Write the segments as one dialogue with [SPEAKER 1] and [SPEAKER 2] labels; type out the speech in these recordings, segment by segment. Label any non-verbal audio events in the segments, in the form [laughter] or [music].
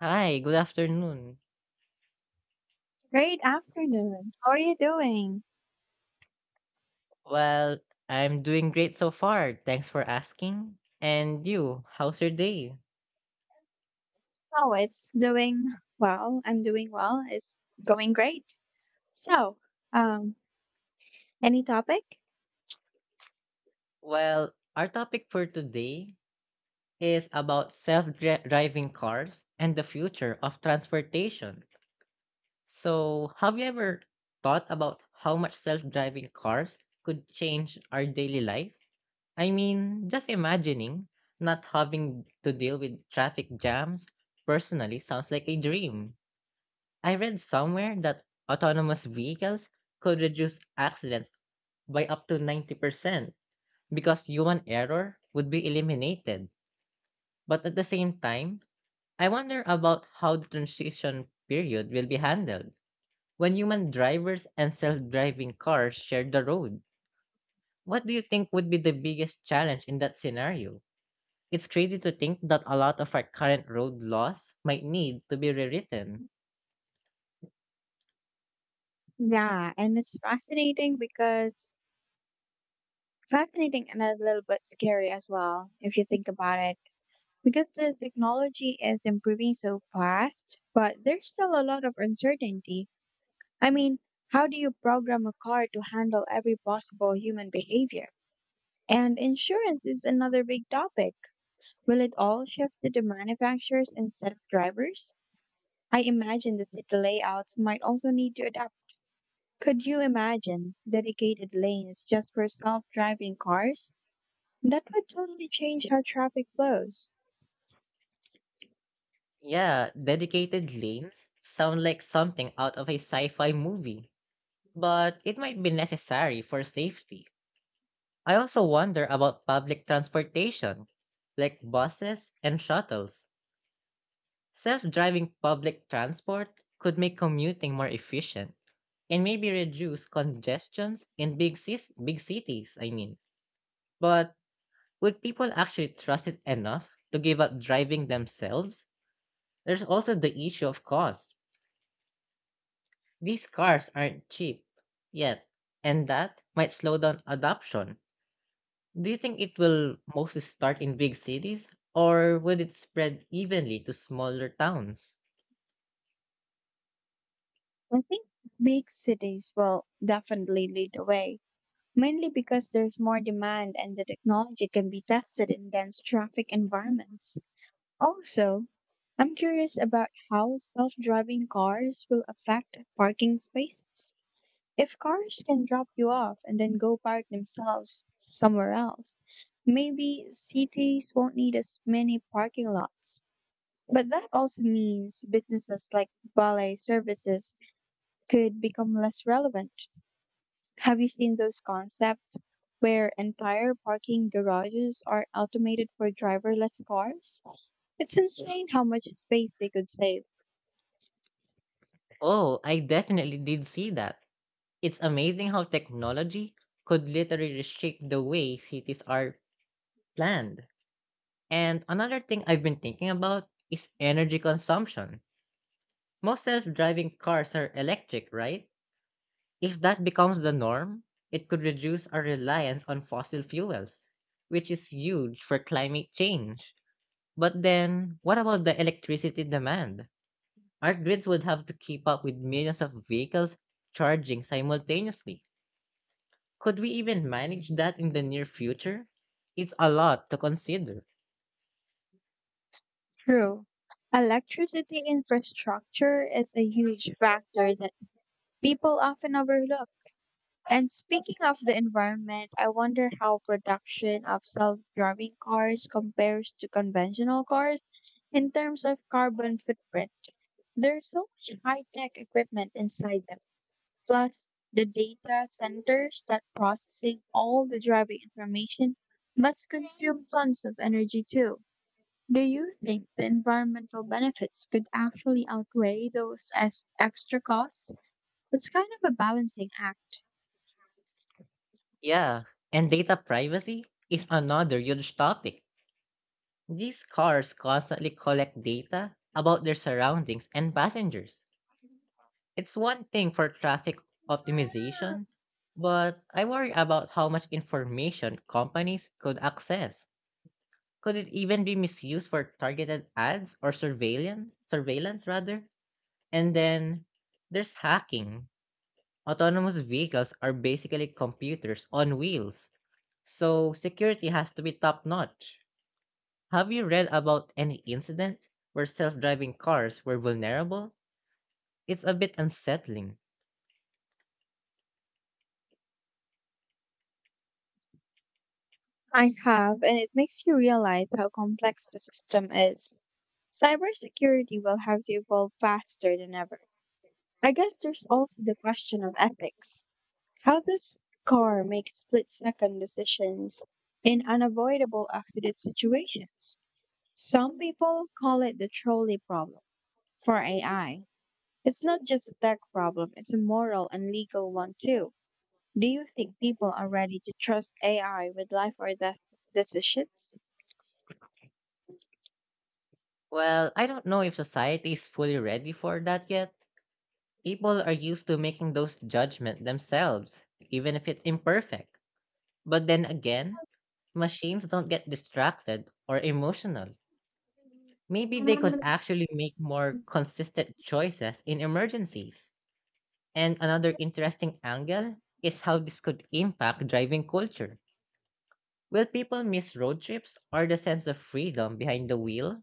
[SPEAKER 1] Hi, good afternoon.
[SPEAKER 2] Great afternoon. How are you doing?
[SPEAKER 1] Well, I'm doing great so far. Thanks for asking. And you, how's your day?
[SPEAKER 2] Oh, it's doing well. I'm doing well. It's going great. So, um, any topic?
[SPEAKER 1] Well, our topic for today is about self-driving cars and the future of transportation. So, have you ever thought about how much self-driving cars could change our daily life? I mean, just imagining not having to deal with traffic jams personally sounds like a dream. I read somewhere that autonomous vehicles could reduce accidents by up to 90% because human error would be eliminated. But at the same time, I wonder about how the transition period will be handled. When human drivers and self driving cars share the road, what do you think would be the biggest challenge in that scenario? It's crazy to think that a lot of our current road laws might need to be rewritten.
[SPEAKER 2] Yeah, and it's fascinating because fascinating and a little bit scary as well, if you think about it. Because the technology is improving so fast, but there's still a lot of uncertainty. I mean, how do you program a car to handle every possible human behavior? And insurance is another big topic. Will it all shift to the manufacturers instead of drivers? I imagine the city layouts might also need to adapt. Could you imagine dedicated lanes just for self-driving cars? That would totally change how traffic flows.
[SPEAKER 1] Yeah, dedicated lanes sound like something out of a sci fi movie, but it might be necessary for safety. I also wonder about public transportation, like buses and shuttles. Self driving public transport could make commuting more efficient and maybe reduce congestions in big cities, I mean. But would people actually trust it enough to give up driving themselves? There's also the issue of cost. These cars aren't cheap yet, and that might slow down adoption. Do you think it will mostly start in big cities, or would it spread evenly to smaller towns?
[SPEAKER 2] I think big cities will definitely lead the way, mainly because there's more demand and the technology can be tested in dense traffic environments. Also, I'm curious about how self-driving cars will affect parking spaces. If cars can drop you off and then go park themselves somewhere else, maybe cities won't need as many parking lots. But that also means businesses like valet services could become less relevant. Have you seen those concepts where entire parking garages are automated for driverless cars? It's insane how much space they could save.
[SPEAKER 1] Oh, I definitely did see that. It's amazing how technology could literally reshape the way cities are planned. And another thing I've been thinking about is energy consumption. Most self driving cars are electric, right? If that becomes the norm, it could reduce our reliance on fossil fuels, which is huge for climate change. But then, what about the electricity demand? Our grids would have to keep up with millions of vehicles charging simultaneously. Could we even manage that in the near future? It's a lot to consider.
[SPEAKER 2] True. Electricity infrastructure is a huge factor people often overlook. And speaking of the environment, I wonder how production of self-driving cars compares to conventional cars in terms of carbon footprint. There's so much high-tech equipment inside them. Plus, the data centers that processing all the driving information must consume tons of energy too. Do you think the environmental benefits could actually outweigh those as extra costs? It's kind of a balancing act.
[SPEAKER 1] Yeah, and data privacy is another huge topic. These cars constantly collect data about their surroundings and passengers. It's one thing for traffic optimization, but I worry about how much information companies could access. Could it even be misused for targeted ads or surveillance? Surveillance rather. And then there's hacking. Autonomous vehicles are basically computers on wheels, so security has to be top notch. Have you read about any incident where self-driving cars were vulnerable? It's a bit unsettling.
[SPEAKER 2] I have, and it makes you realize how complex the system is. Cybersecurity will have to evolve faster than ever. I guess there's also the question of ethics. How does car make split second decisions in unavoidable accident situations? Some people call it the trolley problem for AI. It's not just a tech problem, it's a moral and legal one too. Do you think people are ready to trust AI with life or death decisions?
[SPEAKER 1] Well, I don't know if society is fully ready for that yet. People are used to making those judgments themselves, even if it's imperfect. But then again, machines don't get distracted or emotional. Maybe they could
[SPEAKER 2] Well,
[SPEAKER 1] actually make more consistent choices in emergencies. And another interesting angle is how this could impact driving culture. Will people miss road trips or the sense of freedom behind the wheel?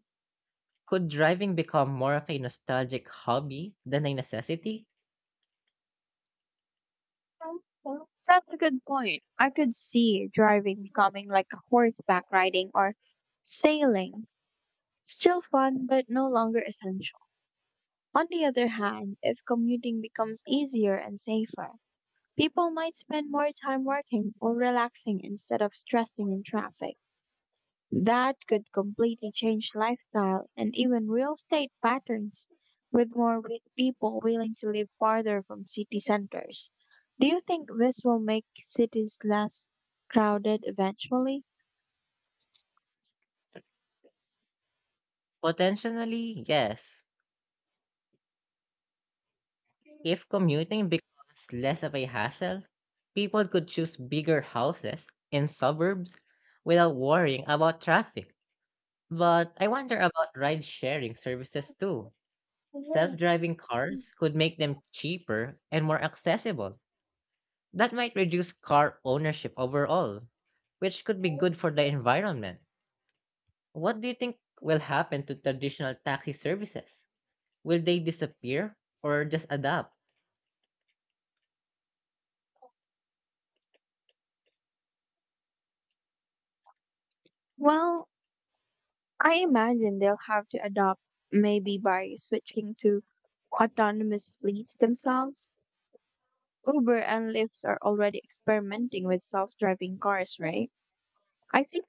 [SPEAKER 1] Could driving become more of a nostalgic hobby than a necessity?
[SPEAKER 2] That's a good point. I could see driving becoming like a horseback riding or sailing. Still fun, but no longer essential. On the other hand, if commuting becomes easier and safer, people might spend more time working or relaxing instead of stressing in traffic. That could completely change lifestyle and even real estate patterns with more people willing to live farther from city centers. Do you think this will make cities less crowded eventually?
[SPEAKER 1] Potentially, yes. If commuting becomes less of a hassle, people could choose bigger houses in suburbs without worrying about traffic. But I wonder about ride sharing services too. Self driving cars could make them cheaper and more accessible. That might reduce car ownership overall, which could be good for the environment. What do you think will happen to traditional taxi services? Will they disappear or just adapt?
[SPEAKER 2] Well, I imagine they'll have to adopt maybe by switching to autonomous fleets themselves. Uber and Lyft are already experimenting with self driving cars, right? I think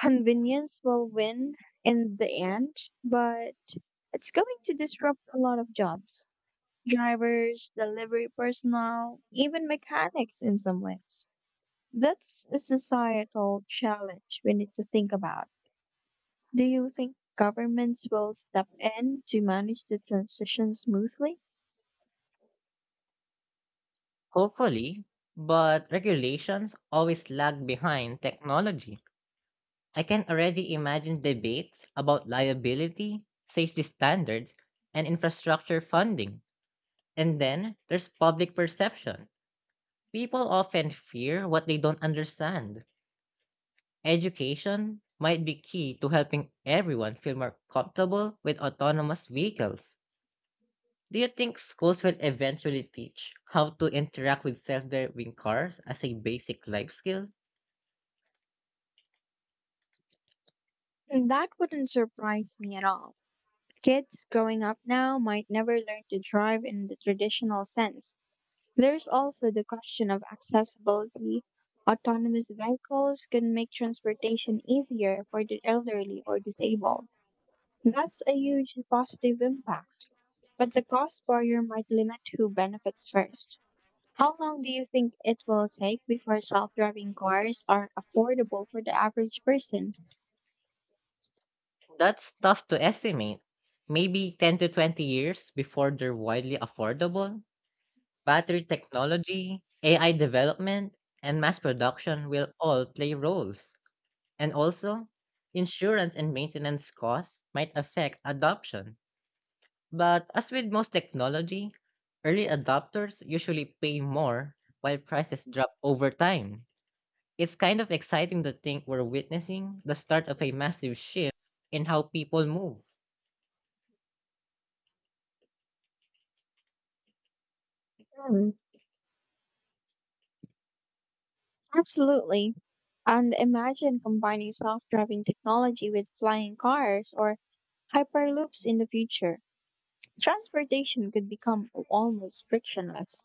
[SPEAKER 2] convenience will win in the end, but it's going to disrupt a lot of jobs. Drivers, delivery personnel, even mechanics in some ways. That's a societal challenge we need to think about. Do you think governments will step in to manage the transition smoothly?
[SPEAKER 1] Hopefully, but regulations always lag behind technology. I can already imagine debates about liability, safety standards, and infrastructure funding. And then there's public perception. People often fear what they don't understand. Education might be key to helping everyone feel more comfortable with autonomous vehicles. Do you think schools will eventually teach how to interact with self driving cars as a basic life skill?
[SPEAKER 2] And that wouldn't surprise me at all. Kids growing up now might never learn to drive in the traditional sense. There's also the question of accessibility. Autonomous vehicles can make transportation easier for the elderly or disabled. That's a huge positive impact, but the cost barrier might limit who benefits first. How long do you think it will take before self driving cars are affordable for the average person?
[SPEAKER 1] That's tough to estimate. Maybe 10 to 20 years before they're widely affordable. Battery technology, AI development, and mass production will all play roles. And also, insurance and maintenance costs might affect adoption. But as with most technology, early adopters usually pay more while prices drop over time. It's kind of exciting to think we're witnessing the start of a massive shift in how people move.
[SPEAKER 2] Hmm, absolutely. And imagine combining self driving technology with flying cars or hyperloops in the future. Transportation could become almost frictionless,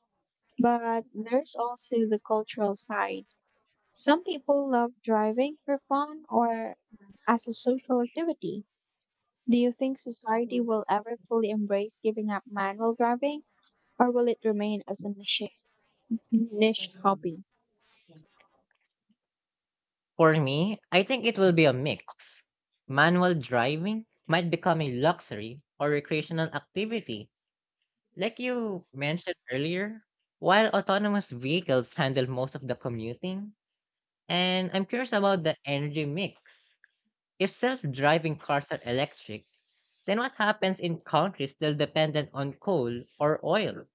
[SPEAKER 2] but there's also the cultural side. Some people love driving for fun or as a social activity. Do you think society will ever fully embrace giving up manual driving, or will it remain as a niche hobby?
[SPEAKER 1] For me, I think it will be a mix. Manual driving might become a luxury or recreational activity, like you mentioned earlier, while autonomous vehicles handle most of the commuting. And I'm curious about the energy mix. If self driving cars are electric, then what happens in countries still dependent on coal or oil?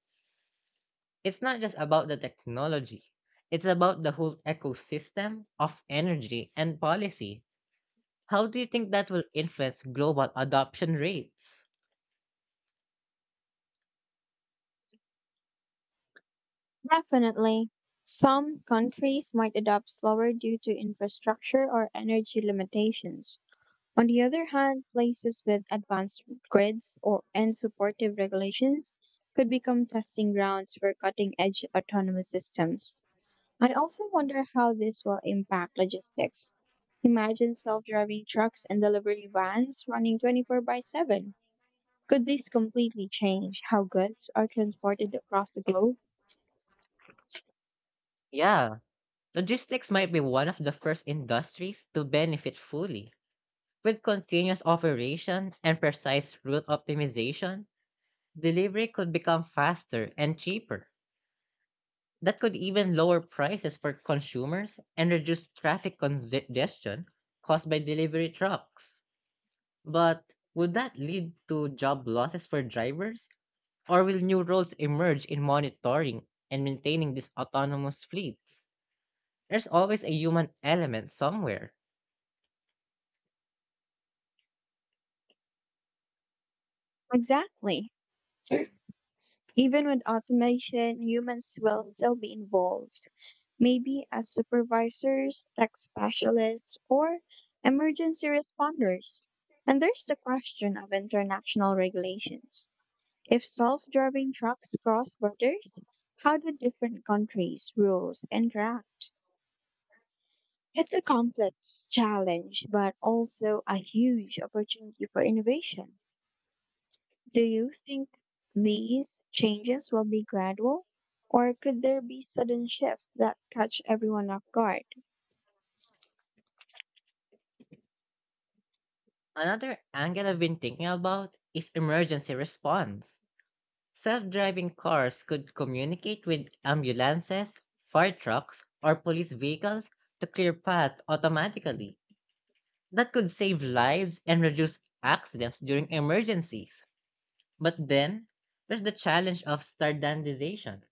[SPEAKER 1] It's not just about the technology. It's about the whole ecosystem of energy and policy. How do you think that will influence global adoption rates?
[SPEAKER 2] Definitely. Some countries might adopt slower due to infrastructure or energy limitations. On the other hand, places with advanced grids or and supportive regulations could become testing grounds for cutting-edge autonomous systems. I also wonder how this will impact logistics. Imagine self-driving trucks and delivery vans running 24 by 7. Could this completely change how goods are transported across the globe?
[SPEAKER 1] Yeah, logistics might be one of the first industries to benefit fully. With continuous operation and precise route optimization, delivery could become faster and cheaper. That could even lower prices for consumers and reduce traffic congestion caused by delivery trucks. But would that lead to job losses for drivers? Or will new roles emerge in monitoring and maintaining these autonomous fleets? There's always a human element somewhere.
[SPEAKER 2] Exactly. Even with automation, humans will still be involved, maybe as supervisors, tech specialists, or emergency responders. And there's the question of international regulations. If self driving trucks cross borders, how do different countries' rules interact? It's a complex challenge, but also a huge opportunity for innovation. Do you think these changes will be gradual, or could there be sudden shifts that catch everyone off guard?
[SPEAKER 1] Another angle I've been thinking about is emergency response. Self driving cars could communicate with ambulances, fire trucks, or police vehicles to clear paths automatically. That could save lives and reduce accidents during emergencies. But then there's the challenge of standardization.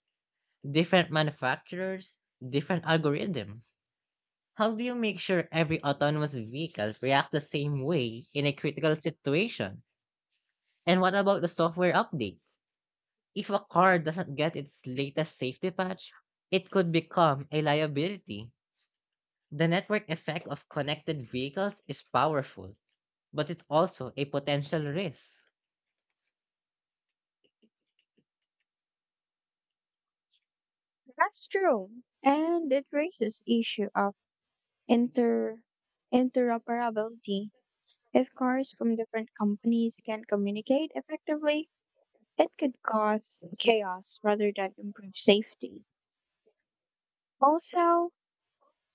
[SPEAKER 1] Different manufacturers, different algorithms. How do you make sure every autonomous vehicle reacts the same way in a critical situation? And what about the software updates? If a car doesn't get its latest safety patch, it could become a liability. The network effect of connected vehicles is powerful, but it's also a potential risk.
[SPEAKER 2] That's true, and it raises issue of inter interoperability. If cars from different companies can communicate effectively, it could cause chaos rather than improve safety. Also,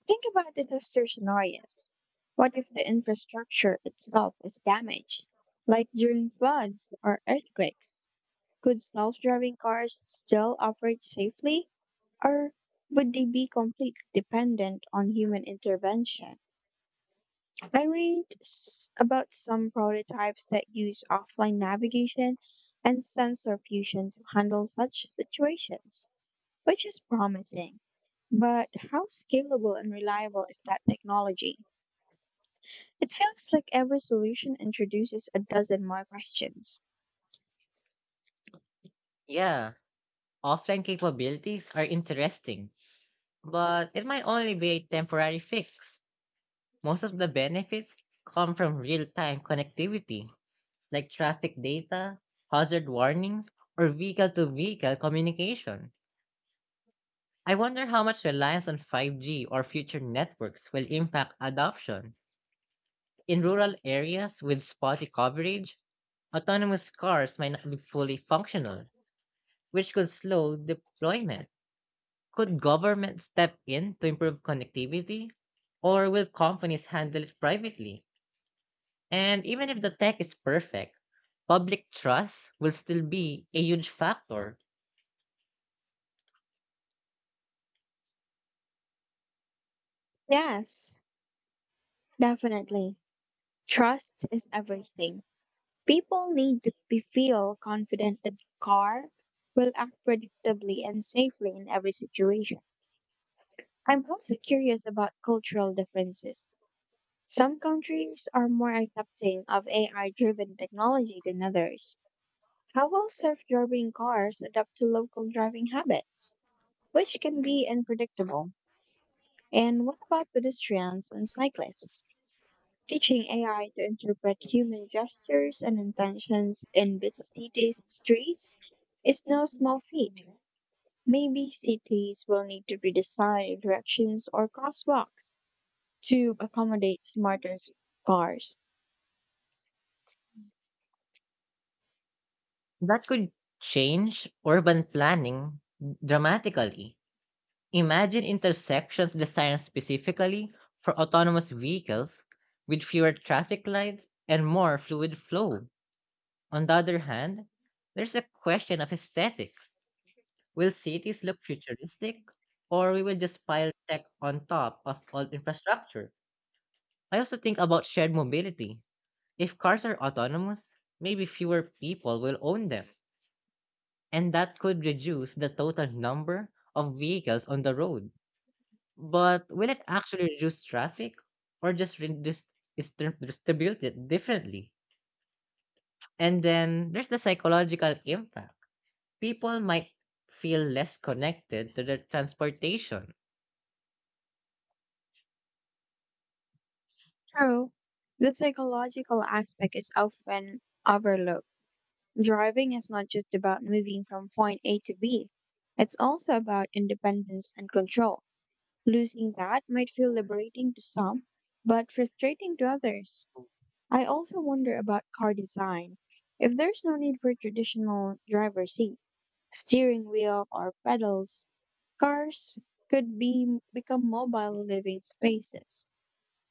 [SPEAKER 2] think about disaster scenarios. What if the infrastructure itself is damaged, like during floods or earthquakes? Could self-driving cars still operate safely, or would they be completely dependent on human intervention? About some prototypes that use offline navigation and sensor fusion to handle such situations, which is promising. But how scalable and reliable is that technology? It feels like every solution introduces a dozen more questions.
[SPEAKER 1] Yeah, offline capabilities are interesting but it might only be a temporary fix. Most of the benefits come from real time connectivity, like traffic data, hazard warnings, or vehicle to vehicle communication. I wonder how much reliance on 5G or future networks will impact adoption. In rural areas with spotty coverage, autonomous cars might not be fully functional, which could slow deployment. Could government step in to improve connectivity? Or will companies handle it privately? And even if the tech is perfect, public trust will still be a huge factor.
[SPEAKER 2] Yes, definitely. Trust is everything. People need to be feel confident that the car will act predictably and safely in every situation. I'm also curious about cultural differences. Some countries are more accepting of AI-driven technology than others. How will self-driving cars adapt to local driving habits, which can be unpredictable? And what about pedestrians and cyclists? Teaching AI to interpret human gestures and intentions in busy cities' streets is no small feat. Maybe cities will need to redesign directions or crosswalks to accommodate smarter cars.
[SPEAKER 1] That could change urban planning dramatically. Imagine intersections designed specifically for autonomous vehicles with fewer traffic lights and more fluid flow. On the other hand, there's a question of aesthetics. Will cities look futuristic, or we will just pile tech on top of old infrastructure? I also think about shared mobility. If cars are autonomous, maybe fewer people will own them, and that could reduce the total number of vehicles on the road. But will it actually reduce traffic, or just distribute it differently? And then there's the psychological impact. People might feel less connected to their transportation.
[SPEAKER 2] True, the psychological aspect is often overlooked. Driving is not just about moving from point A to B, it's also about independence and control. Losing that might feel liberating to some, but frustrating to others. I also wonder about car design. If there's no need for traditional driver's seat, steering wheel, or pedals, cars could be become mobile living spaces.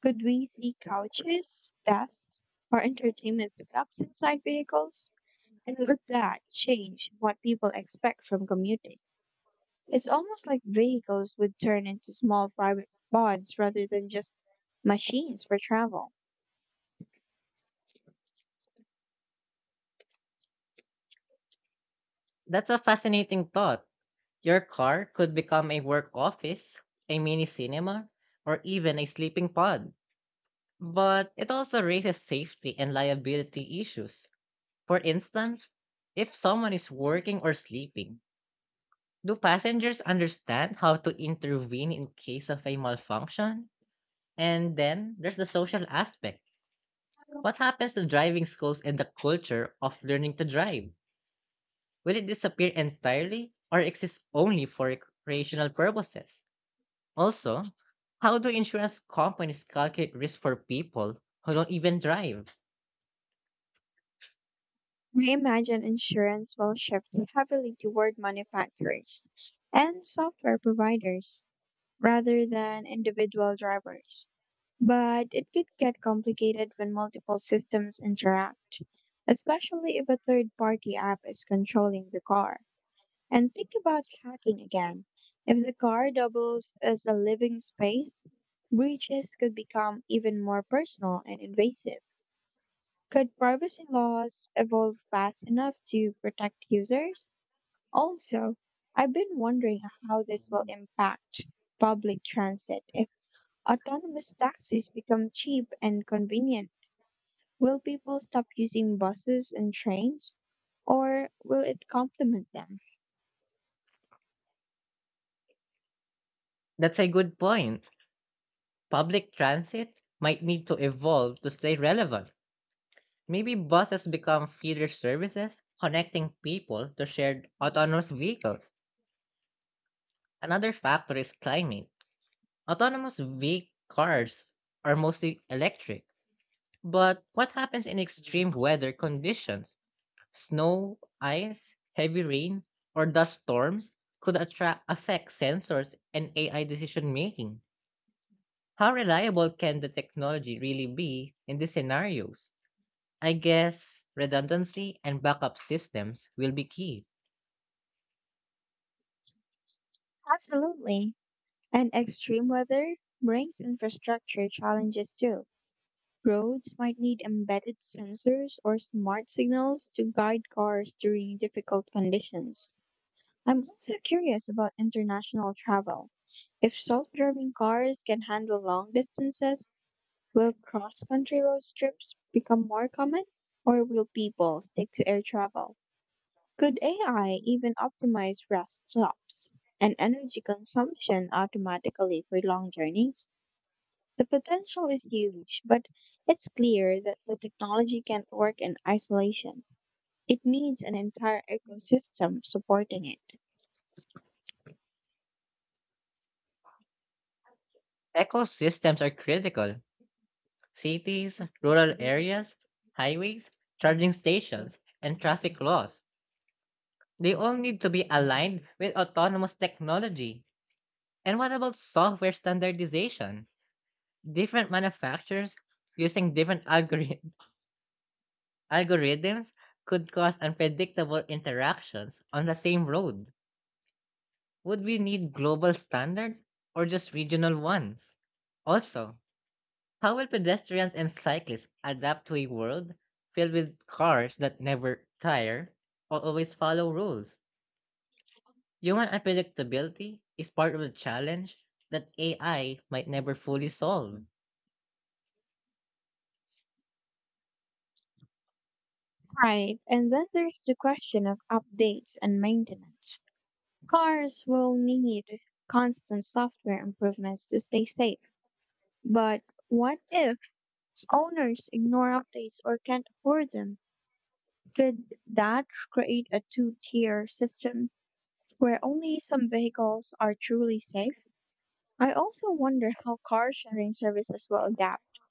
[SPEAKER 2] Could we see couches, desks, or entertainment setups inside vehicles? And would that change what people expect from commuting? It's almost like vehicles would turn into small private bonds rather than just machines for travel.
[SPEAKER 1] That's a fascinating thought. Your car could become a work office, a mini cinema, or even a sleeping pod. But it also raises safety and liability issues. For instance, if someone is working or sleeping, do passengers understand how to intervene in case of a malfunction? And then there's the social aspect. What happens to driving schools and the culture of learning to drive? Will it disappear entirely or exist only for recreational purposes? Also, how do insurance companies calculate risk for people who don't even drive?
[SPEAKER 2] We imagine insurance will shift heavily toward manufacturers and software providers rather than individual drivers. But it could get complicated when multiple systems interact, especially if a third party app is controlling the car. And think about tracking again. If the car doubles as a living space, breaches could become even more personal and invasive. Could privacy laws evolve fast enough to protect users? Also, I've been wondering how this will impact public transit. If autonomous taxis become cheap and convenient, will people stop using buses and trains, or will it complement them?
[SPEAKER 1] That's a good point. Public transit might need to evolve to stay relevant. Maybe buses become feeder services connecting people to shared autonomous vehicles. Another factor is climate. Autonomous vehicle cars are mostly electric. But what happens in extreme weather conditions? Snow, ice, heavy rain, or dust storms could attract, affect sensors and AI decision making. How reliable can the technology really be in these scenarios? I guess redundancy and backup systems will be key.
[SPEAKER 2] Absolutely. And extreme weather brings infrastructure challenges too. Roads might need embedded sensors or smart signals to guide cars during difficult conditions. I'm also curious about international travel. If self driving cars can handle long distances, will cross country road trips become more common, or will people stick to air travel? Could AI even optimize rest stops and energy consumption automatically for long journeys? The potential is huge, but it's clear that the technology can't work in isolation. It needs an entire ecosystem supporting it.
[SPEAKER 1] Ecosystems are critical. Cities, rural areas, highways, charging stations, and traffic laws. They all need to be aligned with autonomous technology. And what about software standardization? Different manufacturers using different [laughs] algorithms could cause unpredictable interactions on the same road. Would we need global standards or just regional ones? Also, how will pedestrians and cyclists adapt to a world filled with cars that never tire or always follow rules? Human unpredictability is part of the challenge that AI might never fully solve.
[SPEAKER 2] Right, and then there's the question of updates and maintenance. Cars will need constant software improvements to stay safe, but what if owners ignore updates or can't afford them? Could that create a two tier system where only some vehicles are truly safe? I also wonder how car sharing services will adapt.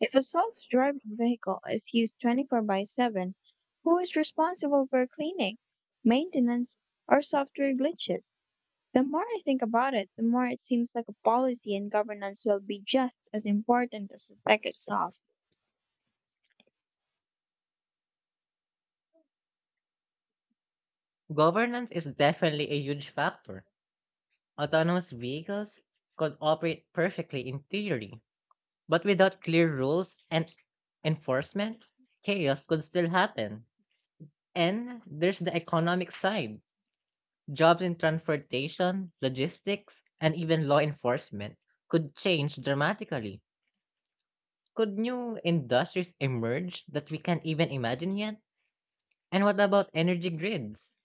[SPEAKER 2] If a self-driving vehicle is used 24 by 7, who is responsible for cleaning, maintenance, or software glitches? The more I think about it, the more it seems like a policy and governance will be just as important as the tech itself.
[SPEAKER 1] Governance is definitely a huge factor. Autonomous vehicles could operate perfectly in theory, but without clear rules and enforcement, chaos could still happen. And there's the economic side. Jobs in transportation, logistics, and even law enforcement could change dramatically. Could new industries emerge that we can't even imagine yet? And what about energy grids?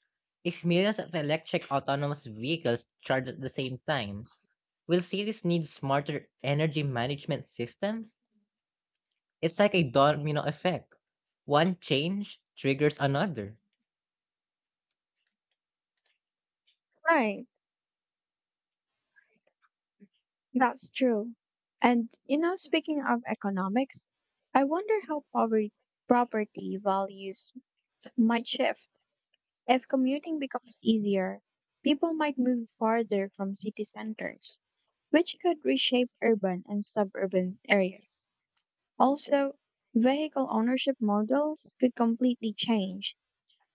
[SPEAKER 1] If millions of electric autonomous vehicles charge at the same time, will cities need smarter energy management systems? It's like a domino effect. One change triggers another.
[SPEAKER 2] Right, that's true. And, you know, speaking of economics, I wonder how poverty, property values might shift. If commuting becomes easier, people might move farther from city centers, which could reshape urban and suburban areas. Also, vehicle ownership models could completely change.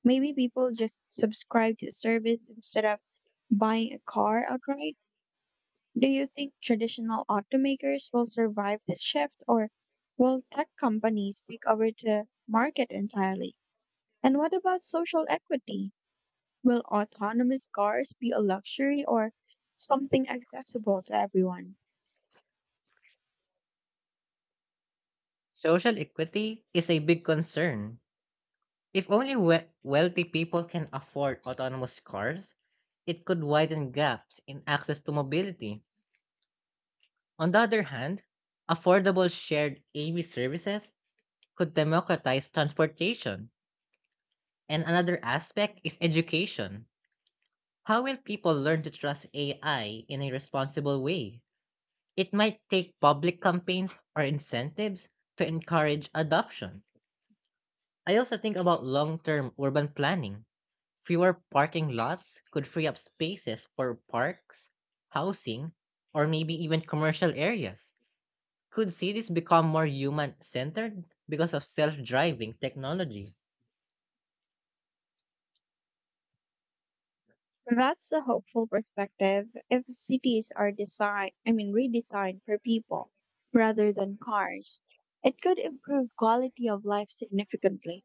[SPEAKER 2] Maybe people just subscribe to a service instead of buying a car outright. Do you think traditional automakers will survive this shift or will tech companies take over the market entirely? And what about social equity? Will autonomous cars be a luxury or something accessible to everyone?
[SPEAKER 1] Social equity is a big concern. If only wealthy people can afford autonomous cars, it could widen gaps in access to mobility. On the other hand, affordable shared AV services could democratize transportation. And another aspect is education. How will people learn to trust AI in a responsible way? It might take public campaigns or incentives to encourage adoption. I also think about long term urban planning. Fewer parking lots could free up spaces for parks, housing, or maybe even commercial areas. Could cities become more human centered because of self driving technology?
[SPEAKER 2] That's a hopeful perspective if cities are designed, I mean, redesigned for people rather than cars. It could improve quality of life significantly,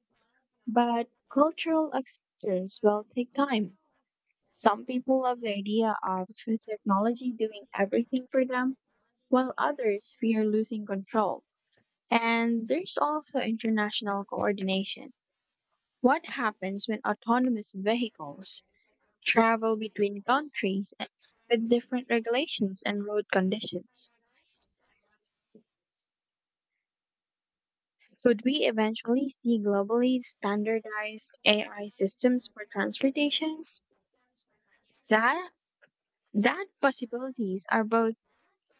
[SPEAKER 2] but cultural acceptance will take time. Some people love the idea of technology doing everything for them, while others fear losing control. And there's also international coordination. What happens when autonomous vehicles travel between countries with different regulations and road conditions? Could we eventually see globally standardized AI systems for transportations? That that possibilities are both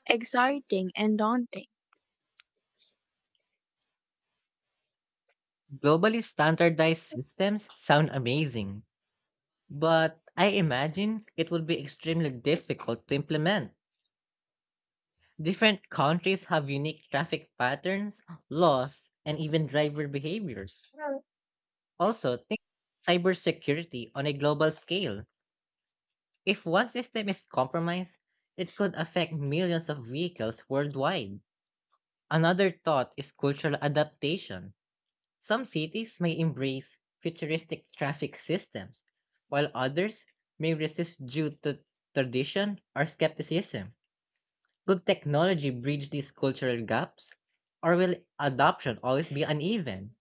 [SPEAKER 2] exciting and daunting.
[SPEAKER 1] Globally standardized systems sound amazing, but I imagine it would be extremely difficult to implement. Different countries have unique traffic patterns, laws, and even driver behaviors.
[SPEAKER 2] Well,
[SPEAKER 1] Also, think cybersecurity on a global scale. If one system is compromised, it could affect millions of vehicles worldwide. Another thought is cultural adaptation. Some cities may embrace futuristic traffic systems, while others may resist due to tradition or skepticism. Could technology bridge these cultural gaps, or will adoption always be uneven?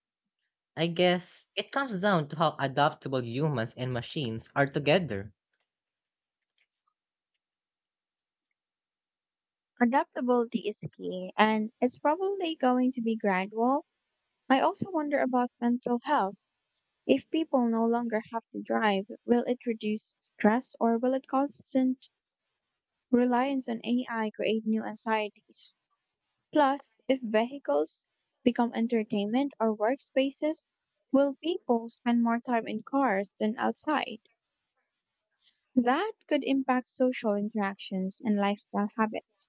[SPEAKER 1] I guess it comes down to how adaptable humans and machines are together.
[SPEAKER 2] Adaptability is key and it's probably going to be gradual. I also wonder about mental health. If people no longer have to drive, will it reduce stress or will a constant reliance on AI create new anxieties? Plus, if vehicles become entertainment or workspaces, will people spend more time in cars than outside? That could impact social interactions and lifestyle habits.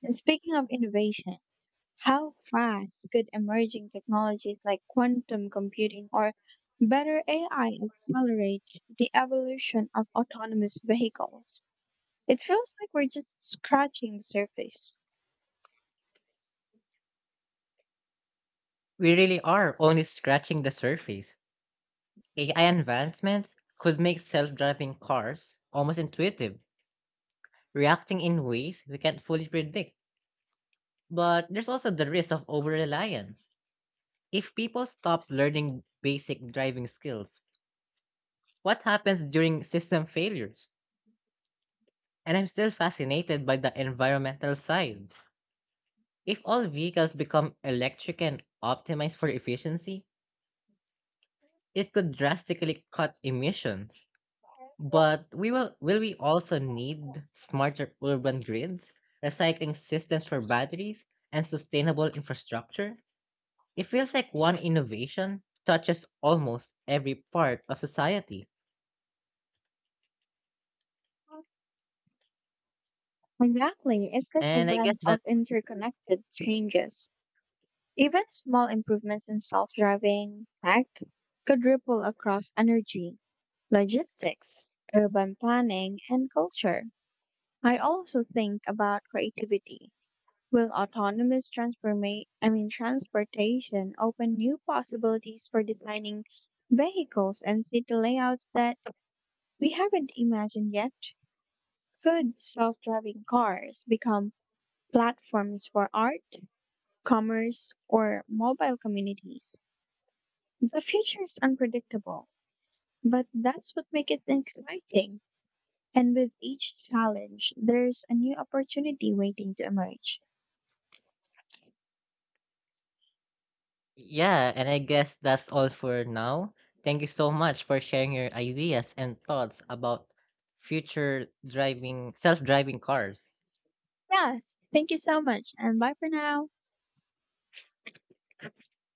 [SPEAKER 2] And speaking of innovation, how fast could emerging technologies like quantum computing or better AI accelerate the evolution of autonomous vehicles? It feels like we're just scratching the surface.
[SPEAKER 1] We really are only scratching the surface. AI advancements could make self driving cars almost intuitive, reacting in ways we can't fully predict. But there's also the risk of over reliance. If people stop learning basic driving skills, what happens during system failures? And I'm still fascinated by the environmental side. If all vehicles become electric and optimized for efficiency, it could drastically cut emissions. But we will we also need smarter urban grids, recycling systems for batteries, and sustainable infrastructure? It feels like one innovation touches almost every part of society.
[SPEAKER 2] Exactly. It's like a
[SPEAKER 1] And I
[SPEAKER 2] web
[SPEAKER 1] guess that,
[SPEAKER 2] of interconnected changes. Even small improvements in self driving tech could ripple across energy, logistics, urban planning, and culture. I also think about creativity. I mean transportation open new possibilities for designing vehicles and city layouts that we haven't imagined yet? Could self-driving cars become platforms for art, commerce, or mobile communities? The future is unpredictable, but that's what makes it exciting. And with each challenge, there's a new opportunity waiting to emerge.
[SPEAKER 1] yeah, and I guess that's all for now. Thank you so much for sharing your ideas and thoughts about future driving, self driving cars.
[SPEAKER 2] Yes, thank you so much, and bye for now.